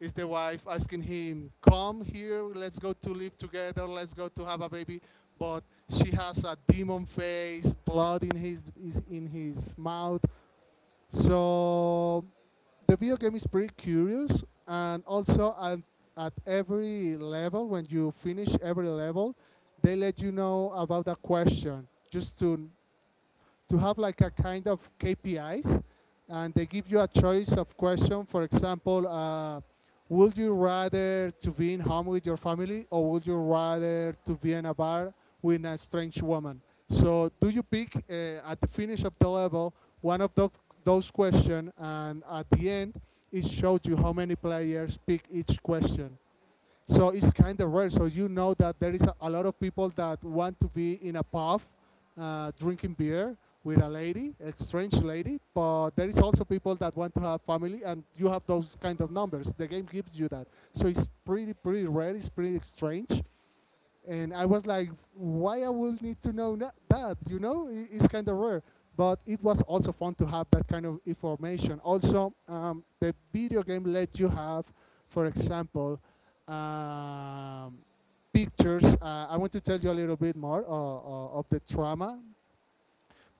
[SPEAKER 2] Is the wife asking him, "Come here, let's go to live together, let's go to have a baby," but she has a demon face, blood in his is in his mouth. So the video game is pretty curious, and also at every level, when you finish every level, they let you know about a question just to have like a kind of KPIs, and they give you a choice of question. For example, would you rather to be in home with your family, or would you rather to be in a bar with a strange woman? So, do you pick at the finish of the level one of those questions, and at the end, it shows you how many players pick each question. So it's kind of rare. So you know that there is a lot of people that want to be in a pub drinking beer with a lady, a strange lady, but there is also people that want to have family, and you have those kind of numbers. The game gives you that. So it's pretty, pretty rare. It's pretty strange and I was like, why I will need to that? You know, it's kind of rare. But it was also fun to have that kind of information. Also, the video game let you have, for example, um, pictures. I want to tell you a little bit more of the trauma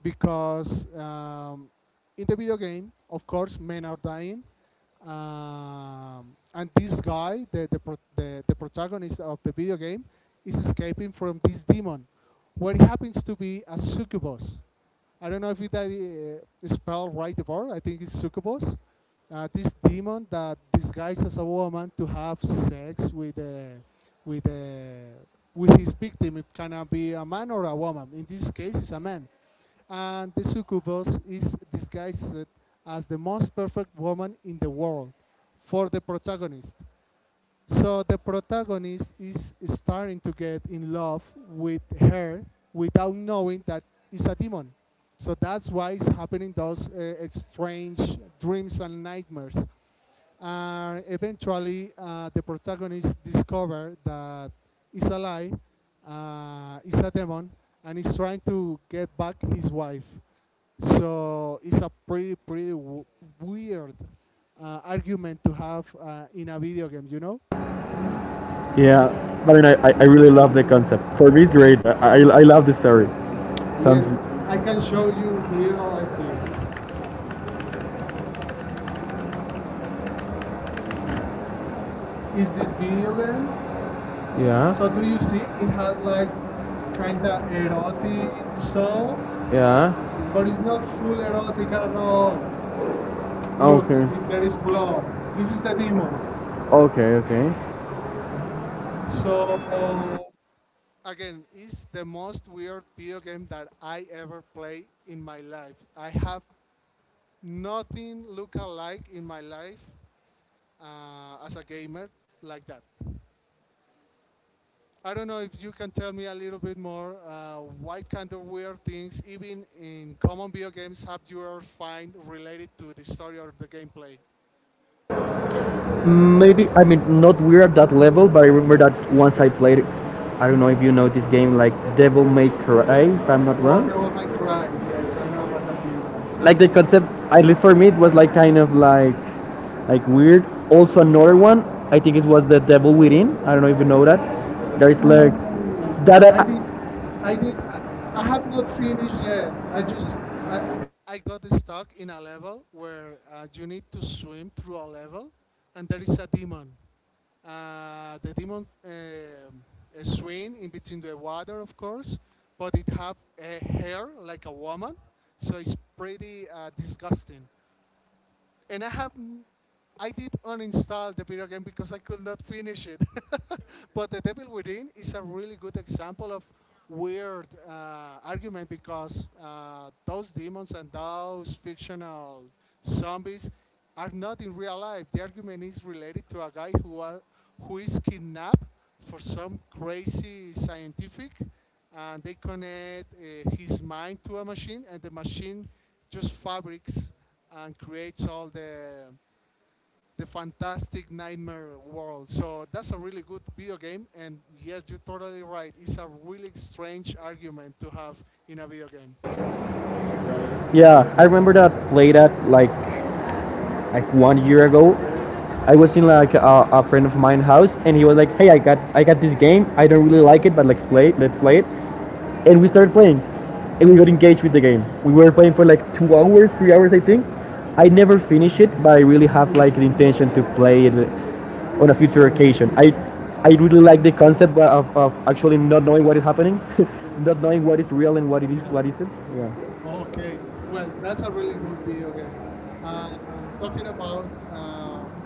[SPEAKER 2] because in the video game, of course, men are dying, and this guy, the protagonist of the video game, is escaping from this demon, where it happens to be a succubus. I don't know if it spell right the word. I think it's succubus. This demon that disguises as a woman to have sex with uh, with his victim. It can be a man or a woman. In this case, it's a man and the succubus is disguised as the most perfect woman in the world for the protagonist. So the protagonist is starting to get in love with her without knowing that it's a demon. So that's why it's happening those strange dreams and nightmares and eventually the protagonist discovers that it's a lie, it's a demon, and he's trying to get back his wife. So it's a pretty weird argument to have in a video game, you know?
[SPEAKER 1] Yeah, but I really love the concept. For me, it's great. I love the story. Sounds.
[SPEAKER 2] Yes, I
[SPEAKER 1] I
[SPEAKER 2] can
[SPEAKER 1] told
[SPEAKER 2] show you
[SPEAKER 1] you here
[SPEAKER 2] here.
[SPEAKER 1] on the
[SPEAKER 2] Let's see.
[SPEAKER 1] street, is
[SPEAKER 2] Is this
[SPEAKER 1] this video?
[SPEAKER 2] video game?
[SPEAKER 1] Yeah.
[SPEAKER 2] So
[SPEAKER 1] So do
[SPEAKER 2] do
[SPEAKER 1] you
[SPEAKER 2] you see? It has like
[SPEAKER 1] like
[SPEAKER 2] kind of
[SPEAKER 1] chaotic?
[SPEAKER 2] erotic stuff,
[SPEAKER 1] Yeah. But
[SPEAKER 2] but
[SPEAKER 1] it's
[SPEAKER 2] it's
[SPEAKER 1] not
[SPEAKER 2] not full
[SPEAKER 1] full at all. They
[SPEAKER 2] erotic at
[SPEAKER 1] have
[SPEAKER 2] all.
[SPEAKER 1] no.
[SPEAKER 2] Look, there
[SPEAKER 1] Okay.
[SPEAKER 2] is blood. This
[SPEAKER 1] This is
[SPEAKER 2] is the
[SPEAKER 1] normal.
[SPEAKER 2] demon.
[SPEAKER 1] Okay. Okay.
[SPEAKER 2] So again, it's the most weird video game that I ever play in my life. I have nothing look alike in my life as a gamer like that. I don't know if you can tell me a little bit more what kind of weird things, even in common video games, have you ever find related to the story or the gameplay?
[SPEAKER 1] Maybe I mean not we're at that level, but I remember that once I played. I don't know if you know this game, like Devil May Cry, if I'm not
[SPEAKER 2] Oh,
[SPEAKER 1] wrong.
[SPEAKER 2] Devil May Cry. Yes, I know a video game.
[SPEAKER 1] Like the concept, at least for me, it was like like weird. Also another one, I think it was the Devil Within. I don't know if you know that. There is like
[SPEAKER 2] No,
[SPEAKER 1] that.
[SPEAKER 2] I did. I
[SPEAKER 1] I
[SPEAKER 2] did. I have not finished yet. I just I I got stuck in a level where you need to swim through a level, and there is a demon. The demon swim in between the water, of course, but it have a hair like a woman, so it's pretty disgusting and I did uninstall the video game because I could not finish it. But The Devil Within is a really good example of weird argument because those demons and those fictional zombies are not in real life. The argument is related to a guy who is kidnapped for some crazy scientific and they connect his mind to a machine, and the machine just fabrics and creates all the fantastic nightmare world. So that's a really good video game, and yes, you're totally right. It's a really strange argument to have in a video game.
[SPEAKER 1] Yeah, I remember that play that like 1 year ago. I was in like a friend of mine house, and he was like, "Hey, I got this game. I don't really like it, but let's play it. Let's play it." And we started playing, and we got engaged with the game. We were playing for like 2 hours, 3 hours, I think. I never finished it, but I really have like the intention to play it on a future occasion. I really like the concept of actually not knowing what is happening, not knowing what is real and what it is
[SPEAKER 2] Yeah.
[SPEAKER 1] what isn't. Yeah.
[SPEAKER 2] Okay. Well,
[SPEAKER 1] well, that's
[SPEAKER 2] that's a really good video game. Uh, talking about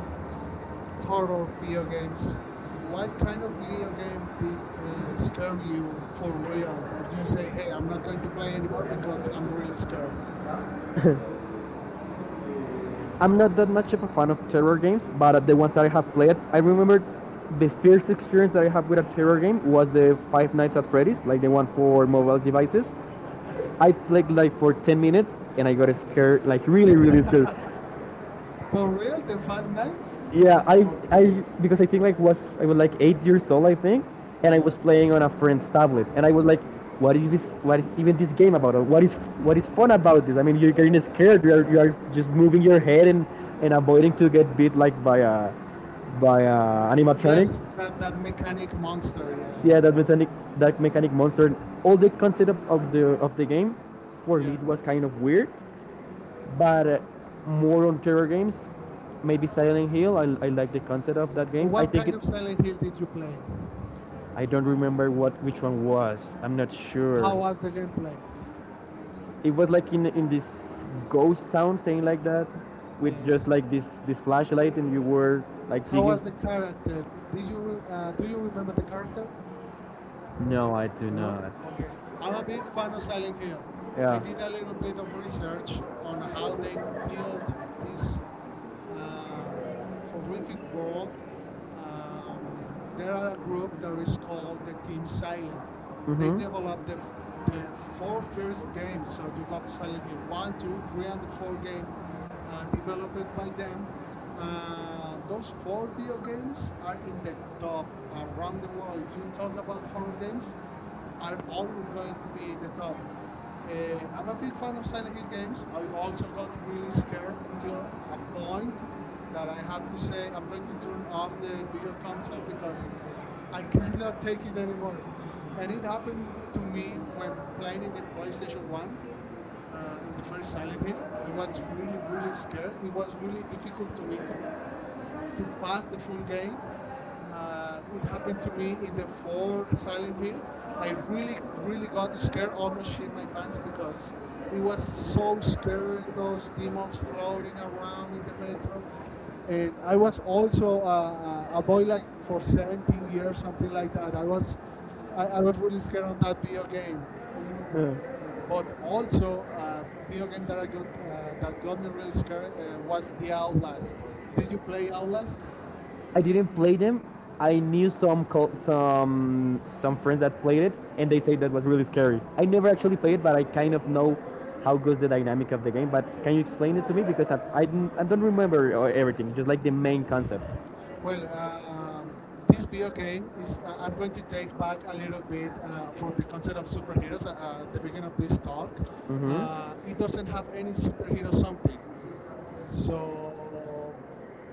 [SPEAKER 2] horror video games. What kind of video game did scare you for real? That you say, hey, I'm not going to play anymore because I'm really scared.
[SPEAKER 1] I'm not that much of a fan of terror games, but the ones that I have played, I remember the first experience that I have with a terror game was the Five Nights at Freddy's, like the one for mobile devices. I played like for 10 minutes and I got scared, like really, really scared.
[SPEAKER 2] For real, the Five Nights?
[SPEAKER 1] Yeah, I
[SPEAKER 2] Okay,
[SPEAKER 1] Because I think like was I was like 8 years old I think, and I
[SPEAKER 2] yeah.
[SPEAKER 1] was playing on a friend's tablet, and I was like, what is this? What is even this game about? Or what is fun about this? I mean, you're getting scared. You are just moving your head and avoiding to get beat like by a animatronics.
[SPEAKER 2] Yes, that, that mechanic monster,
[SPEAKER 1] So
[SPEAKER 2] yeah.
[SPEAKER 1] yeah, that mechanic monster, all the concept of the game, for me
[SPEAKER 2] Yeah.
[SPEAKER 1] it was kind of weird but more on terror games. Maybe Silent Hill. I like the concept of that game.
[SPEAKER 2] What kind of Silent Hill did you play?
[SPEAKER 1] I don't remember what which one was. I'm not
[SPEAKER 2] How
[SPEAKER 1] sure.
[SPEAKER 2] was the gameplay?
[SPEAKER 1] It was like in this ghost town thing like that, with just
[SPEAKER 2] Yes.
[SPEAKER 1] like this flashlight and you were like
[SPEAKER 2] How
[SPEAKER 1] digging.
[SPEAKER 2] was the character? Do you remember the character?
[SPEAKER 1] No, I do
[SPEAKER 2] No?
[SPEAKER 1] not.
[SPEAKER 2] Okay. I'm a big fan of Silent Hill. I
[SPEAKER 1] Yeah.
[SPEAKER 2] did a little bit of research on how they built this um, horrific world.
[SPEAKER 1] There
[SPEAKER 2] There
[SPEAKER 1] are
[SPEAKER 2] are a
[SPEAKER 1] look,
[SPEAKER 2] group that
[SPEAKER 1] there is
[SPEAKER 2] is called the
[SPEAKER 1] called in
[SPEAKER 2] Team Silent.
[SPEAKER 1] Taiwan. Mhm. They
[SPEAKER 2] They
[SPEAKER 1] develop
[SPEAKER 2] developed
[SPEAKER 1] the
[SPEAKER 2] the
[SPEAKER 1] four
[SPEAKER 2] four
[SPEAKER 1] first
[SPEAKER 2] first
[SPEAKER 1] games
[SPEAKER 2] games.
[SPEAKER 1] of
[SPEAKER 2] So
[SPEAKER 1] the
[SPEAKER 2] you
[SPEAKER 1] top
[SPEAKER 2] got
[SPEAKER 1] five.
[SPEAKER 2] Silent Hill
[SPEAKER 1] One,
[SPEAKER 2] one,
[SPEAKER 1] two,
[SPEAKER 2] 2, 3,
[SPEAKER 1] three,
[SPEAKER 2] and the
[SPEAKER 1] and four
[SPEAKER 2] 4 game
[SPEAKER 1] game. And after
[SPEAKER 2] developed by
[SPEAKER 1] five game,
[SPEAKER 2] them.
[SPEAKER 1] those four teams are in
[SPEAKER 2] Those four video games are in the
[SPEAKER 1] the top,
[SPEAKER 2] top
[SPEAKER 1] around
[SPEAKER 2] around
[SPEAKER 1] the
[SPEAKER 2] the
[SPEAKER 1] world.
[SPEAKER 2] world.
[SPEAKER 1] If
[SPEAKER 2] If you
[SPEAKER 1] you talk
[SPEAKER 2] talk
[SPEAKER 1] about four
[SPEAKER 2] about horror
[SPEAKER 1] fountains,
[SPEAKER 2] games, are
[SPEAKER 1] are always
[SPEAKER 2] always
[SPEAKER 1] going
[SPEAKER 2] going to
[SPEAKER 1] to be
[SPEAKER 2] be
[SPEAKER 1] in
[SPEAKER 2] in the
[SPEAKER 1] the top.
[SPEAKER 2] top. I'm
[SPEAKER 1] I'm
[SPEAKER 2] a
[SPEAKER 1] a big
[SPEAKER 2] big
[SPEAKER 1] fan
[SPEAKER 2] fan
[SPEAKER 1] of
[SPEAKER 2] of Silent
[SPEAKER 1] strategy
[SPEAKER 2] Hill
[SPEAKER 1] games.
[SPEAKER 2] games. I also got really
[SPEAKER 1] police
[SPEAKER 2] scared
[SPEAKER 1] cadet मुझे
[SPEAKER 2] until a
[SPEAKER 1] कौन
[SPEAKER 2] point that
[SPEAKER 1] डाला
[SPEAKER 2] I have
[SPEAKER 1] हाथ
[SPEAKER 2] to
[SPEAKER 1] में से
[SPEAKER 2] say I'm
[SPEAKER 1] अंदर
[SPEAKER 2] going to
[SPEAKER 1] की जो
[SPEAKER 2] turn
[SPEAKER 1] हाथ
[SPEAKER 2] off
[SPEAKER 1] पे
[SPEAKER 2] the
[SPEAKER 1] मुझे
[SPEAKER 2] video
[SPEAKER 1] कम से
[SPEAKER 2] console because
[SPEAKER 1] because
[SPEAKER 2] I
[SPEAKER 1] I
[SPEAKER 2] cannot
[SPEAKER 1] think
[SPEAKER 2] take it
[SPEAKER 1] very
[SPEAKER 2] anymore.
[SPEAKER 1] Good
[SPEAKER 2] And it
[SPEAKER 1] anything
[SPEAKER 2] happened to
[SPEAKER 1] to me
[SPEAKER 2] me when
[SPEAKER 1] when
[SPEAKER 2] playing in
[SPEAKER 1] climbing
[SPEAKER 2] the
[SPEAKER 1] at police station
[SPEAKER 2] PlayStation
[SPEAKER 1] 1
[SPEAKER 2] 1
[SPEAKER 1] in
[SPEAKER 2] in
[SPEAKER 1] the
[SPEAKER 2] the first
[SPEAKER 1] first
[SPEAKER 2] Silent
[SPEAKER 1] Saturday
[SPEAKER 2] Hill. I
[SPEAKER 1] it was
[SPEAKER 2] was
[SPEAKER 1] really
[SPEAKER 2] really, really
[SPEAKER 1] really
[SPEAKER 2] scared.
[SPEAKER 1] scared
[SPEAKER 2] It
[SPEAKER 1] it was
[SPEAKER 2] was
[SPEAKER 1] really
[SPEAKER 2] really difficult
[SPEAKER 1] difficult
[SPEAKER 2] to
[SPEAKER 1] to
[SPEAKER 2] me
[SPEAKER 1] me to
[SPEAKER 2] to pass
[SPEAKER 1] pass
[SPEAKER 2] the
[SPEAKER 1] the
[SPEAKER 2] full
[SPEAKER 1] full game
[SPEAKER 2] game it
[SPEAKER 1] it
[SPEAKER 2] happened
[SPEAKER 1] happened
[SPEAKER 2] to
[SPEAKER 1] to me
[SPEAKER 2] me in
[SPEAKER 1] in
[SPEAKER 2] the
[SPEAKER 1] the
[SPEAKER 2] four
[SPEAKER 1] fourth
[SPEAKER 2] Silent
[SPEAKER 1] Saturday
[SPEAKER 2] Hill.
[SPEAKER 1] I
[SPEAKER 2] I really,
[SPEAKER 1] really
[SPEAKER 2] really
[SPEAKER 1] really
[SPEAKER 2] got scared, almost shit
[SPEAKER 1] appreciate
[SPEAKER 2] my
[SPEAKER 1] my
[SPEAKER 2] pants
[SPEAKER 1] parents because
[SPEAKER 2] because it
[SPEAKER 1] it
[SPEAKER 2] was
[SPEAKER 1] was
[SPEAKER 2] so scared. Those
[SPEAKER 1] the
[SPEAKER 2] demons
[SPEAKER 1] best.
[SPEAKER 2] floating around in the metro, and I was also a boy like for 17 years, something like that. I was really scared on that video game.
[SPEAKER 1] Hmm.
[SPEAKER 2] But also, video game that I got that got me really scared was The Outlast. Did you play Outlast?
[SPEAKER 1] I didn't play them. I knew some co- some friends that played it, and they say that was really scary. I never actually played it, but I kind of know how goes the dynamic of the game. But can you explain it to me because I don't remember everything, just like the main concept.
[SPEAKER 2] Well, uh, um, this video game is. I'm going to take back a little bit from the concept of superheroes at the beginning of this talk. It doesn't have any superhero something,
[SPEAKER 1] Mm-hmm.
[SPEAKER 2] so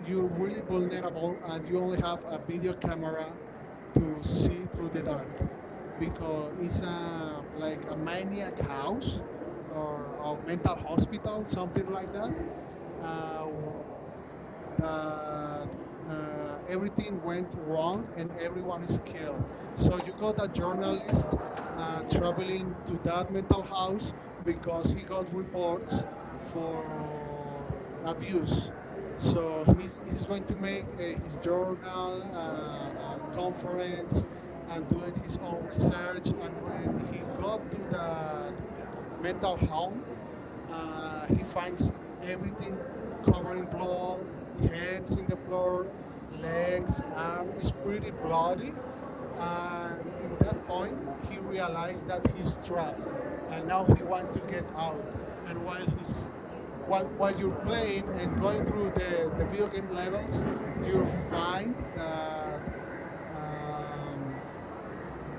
[SPEAKER 2] you're really
[SPEAKER 1] Program
[SPEAKER 2] vulnerable, and you only have a video camera to see
[SPEAKER 1] will
[SPEAKER 2] through
[SPEAKER 1] be
[SPEAKER 2] the dark,
[SPEAKER 1] lost
[SPEAKER 2] because it's
[SPEAKER 1] because
[SPEAKER 2] like a maniac house or a mental hospital, something like uh, that, everything went wrong and everyone is killed. So you got a journalist traveling to that mental house because
[SPEAKER 1] he
[SPEAKER 2] he
[SPEAKER 1] got
[SPEAKER 2] got
[SPEAKER 1] reports
[SPEAKER 2] reports
[SPEAKER 1] for
[SPEAKER 2] for
[SPEAKER 1] abuse.
[SPEAKER 2] abuse. So he's going to make his journal, a conference, and
[SPEAKER 1] And
[SPEAKER 2] doing his own research. And when he got to that mental health he finds everything covered in blood, heads in the floor, legs,
[SPEAKER 1] legs,
[SPEAKER 2] arm is pretty
[SPEAKER 1] body and
[SPEAKER 2] bloody.
[SPEAKER 1] feels dry.
[SPEAKER 2] And in that point, he realized that he's trapped, and
[SPEAKER 1] And now,
[SPEAKER 2] now he wants to get out. And
[SPEAKER 1] and
[SPEAKER 2] while he's while
[SPEAKER 1] what you
[SPEAKER 2] you're
[SPEAKER 1] apply on
[SPEAKER 2] playing and going through the the video
[SPEAKER 1] the field
[SPEAKER 2] game levels, you find that um,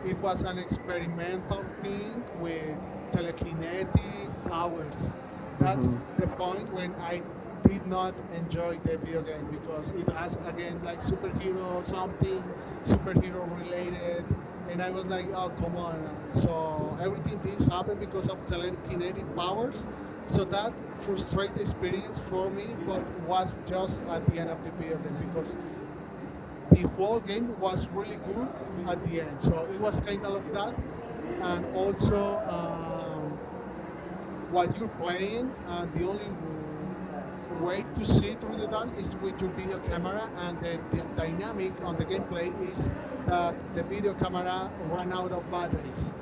[SPEAKER 2] it was an experimental thing with telekinetic powers. That's the point when I did not enjoy the video game because it has again like superhero something, superhero related, and I was like, oh come on! So everything this happened because of telekinetic
[SPEAKER 1] enable.
[SPEAKER 2] powers.
[SPEAKER 1] So
[SPEAKER 2] So that
[SPEAKER 1] for
[SPEAKER 2] frustrated
[SPEAKER 1] me
[SPEAKER 2] experience
[SPEAKER 1] it's
[SPEAKER 2] for me, but
[SPEAKER 1] really
[SPEAKER 2] was just at the end of the video game
[SPEAKER 1] because
[SPEAKER 2] because the whole game was
[SPEAKER 1] you
[SPEAKER 2] really good
[SPEAKER 1] know,
[SPEAKER 2] at
[SPEAKER 1] at
[SPEAKER 2] the
[SPEAKER 1] the end,
[SPEAKER 2] end. So it was kind of that,
[SPEAKER 1] working
[SPEAKER 2] and
[SPEAKER 1] place
[SPEAKER 2] also while you're playing, and the only
[SPEAKER 1] that.
[SPEAKER 2] way to see through the dark is with your video camera. And the dynamic on the gameplay is that the video camera ran out of batteries.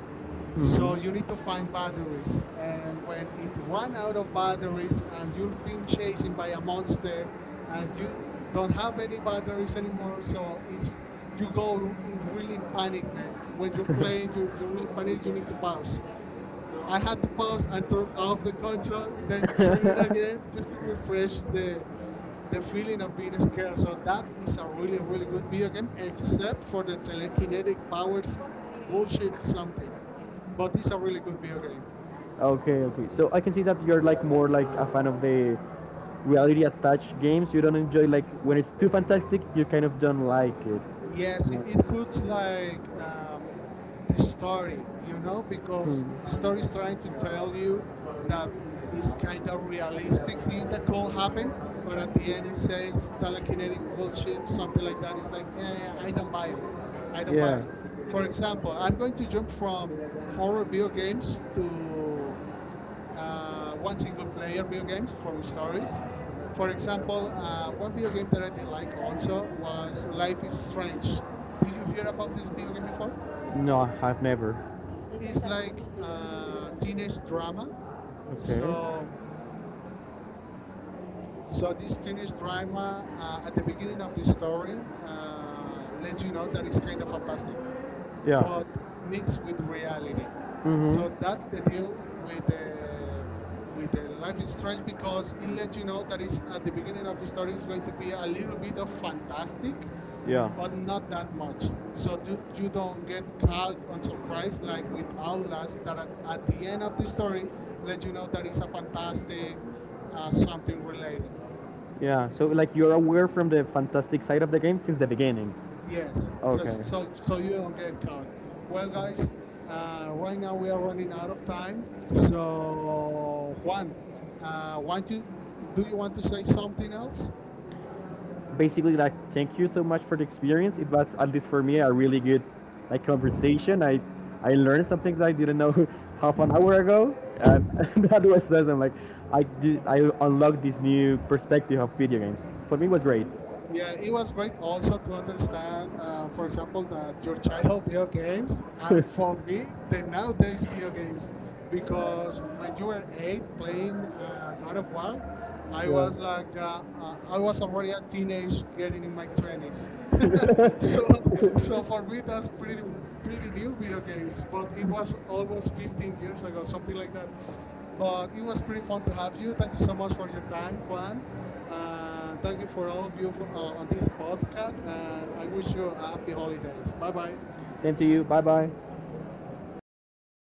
[SPEAKER 2] So
[SPEAKER 1] Mhm.
[SPEAKER 2] you need to find batteries. And when it ran out of batteries and you're being chased by a monster
[SPEAKER 1] I
[SPEAKER 2] and you
[SPEAKER 1] think
[SPEAKER 2] don't
[SPEAKER 1] no.
[SPEAKER 2] have any batteries anymore, so it's you go really in panic, man.
[SPEAKER 1] When
[SPEAKER 2] When
[SPEAKER 1] the
[SPEAKER 2] you're
[SPEAKER 1] place
[SPEAKER 2] playing,
[SPEAKER 1] will
[SPEAKER 2] you're really
[SPEAKER 1] be funny
[SPEAKER 2] panic, you
[SPEAKER 1] going
[SPEAKER 2] need to pause.
[SPEAKER 1] to
[SPEAKER 2] I had to pause and turn off the console, then
[SPEAKER 1] I
[SPEAKER 2] turn it
[SPEAKER 1] just
[SPEAKER 2] again just to refresh
[SPEAKER 1] to
[SPEAKER 2] the
[SPEAKER 1] the
[SPEAKER 2] feeling of being scared. So that is a really, really good video game, except for the telekinetic powers bullshit something. But it's
[SPEAKER 1] a
[SPEAKER 2] a really
[SPEAKER 1] really
[SPEAKER 2] good
[SPEAKER 1] good
[SPEAKER 2] video
[SPEAKER 1] theater.
[SPEAKER 2] game.
[SPEAKER 1] Okay, okay. So I can see that you're like more like a fan of the reality attached games. You don't enjoy like when it's too fantastic. You kind of don't like it. Yeah. Mm. It's
[SPEAKER 2] Yes,
[SPEAKER 1] like,
[SPEAKER 2] it
[SPEAKER 1] it's
[SPEAKER 2] puts like
[SPEAKER 1] sorry,
[SPEAKER 2] the story, you know,
[SPEAKER 1] we're.
[SPEAKER 2] because the
[SPEAKER 1] Hmm. Going
[SPEAKER 2] story is trying to tell you
[SPEAKER 1] to not,
[SPEAKER 2] that it's
[SPEAKER 1] it's
[SPEAKER 2] kind of realistic thing that
[SPEAKER 1] community
[SPEAKER 2] could happen, but
[SPEAKER 1] but I
[SPEAKER 2] at
[SPEAKER 1] feel
[SPEAKER 2] the end it says
[SPEAKER 1] like
[SPEAKER 2] telekinetic
[SPEAKER 1] community, I feel
[SPEAKER 2] bullshit, something like
[SPEAKER 1] like,
[SPEAKER 2] that.
[SPEAKER 1] I'm
[SPEAKER 2] It's like,
[SPEAKER 1] like,
[SPEAKER 2] eh,
[SPEAKER 1] eh, I
[SPEAKER 2] I don't
[SPEAKER 1] don't
[SPEAKER 2] buy
[SPEAKER 1] like
[SPEAKER 2] it.
[SPEAKER 1] it. I
[SPEAKER 2] I
[SPEAKER 1] don't.
[SPEAKER 2] don't buy
[SPEAKER 1] Yeah. Like
[SPEAKER 2] it.
[SPEAKER 1] it.
[SPEAKER 2] For
[SPEAKER 1] For
[SPEAKER 2] example,
[SPEAKER 1] example,
[SPEAKER 2] I'm
[SPEAKER 1] I'm going
[SPEAKER 2] going to
[SPEAKER 1] to jump
[SPEAKER 2] jump
[SPEAKER 1] from
[SPEAKER 2] from
[SPEAKER 1] all
[SPEAKER 2] horror
[SPEAKER 1] video
[SPEAKER 2] video
[SPEAKER 1] games
[SPEAKER 2] games
[SPEAKER 1] to
[SPEAKER 2] to one
[SPEAKER 1] one single.
[SPEAKER 2] single
[SPEAKER 1] Stories
[SPEAKER 2] player video games from stories. For
[SPEAKER 1] for
[SPEAKER 2] example, one video game that I did like also was
[SPEAKER 1] life.
[SPEAKER 2] Life is Strange. Did you hear about this video game before?
[SPEAKER 1] No, I've never.
[SPEAKER 2] It's like a teenage drama.
[SPEAKER 1] Okay.
[SPEAKER 2] So, so this teenage drama at the beginning of the story lets you know that it's kind of fantastic,
[SPEAKER 1] Yeah.
[SPEAKER 2] but mixed with reality. So
[SPEAKER 1] Mm-hmm.
[SPEAKER 2] that's the deal with the Life is Strange because it lets you know that it's at the beginning of the story is going to be a little bit of fantastic,
[SPEAKER 1] Yeah.
[SPEAKER 2] but not that much. So you don't get caught on surprise like with Outlast that at the end of the story let you know that it's a fantastic something related.
[SPEAKER 1] Yeah, so like you're aware from the fantastic side of the game since the beginning. Yeah.
[SPEAKER 2] Yes, so
[SPEAKER 1] Okay. So,
[SPEAKER 2] so you don't get caught. Well, guys, right now we are running out of time. So Juan, want you do you want to say something else?
[SPEAKER 1] basically, like thank you so much for the experience. It was at least for me a really good like conversation. I learned some things I didn't know half an hour ago, and that was awesome. Like I unlocked this new perspective of video games. For me, it was great.
[SPEAKER 2] Yeah, it was great also to understand,
[SPEAKER 1] So,
[SPEAKER 2] for example, that your child video games, and
[SPEAKER 1] for
[SPEAKER 2] for me,
[SPEAKER 1] me,
[SPEAKER 2] the nowadays video games, because when you were eight playing God of War, I was
[SPEAKER 1] yeah.
[SPEAKER 2] like, I was already a teenage, getting in my twenties. So, so for me, that's pretty new video games, but it was almost 15 years ago, something like that. But it was pretty fun to have you. Thank you so much for your time, Juan. And thank you for all of you for, on this podcast. And I wish you a happy holidays. Bye bye.
[SPEAKER 1] Same to you. Bye bye.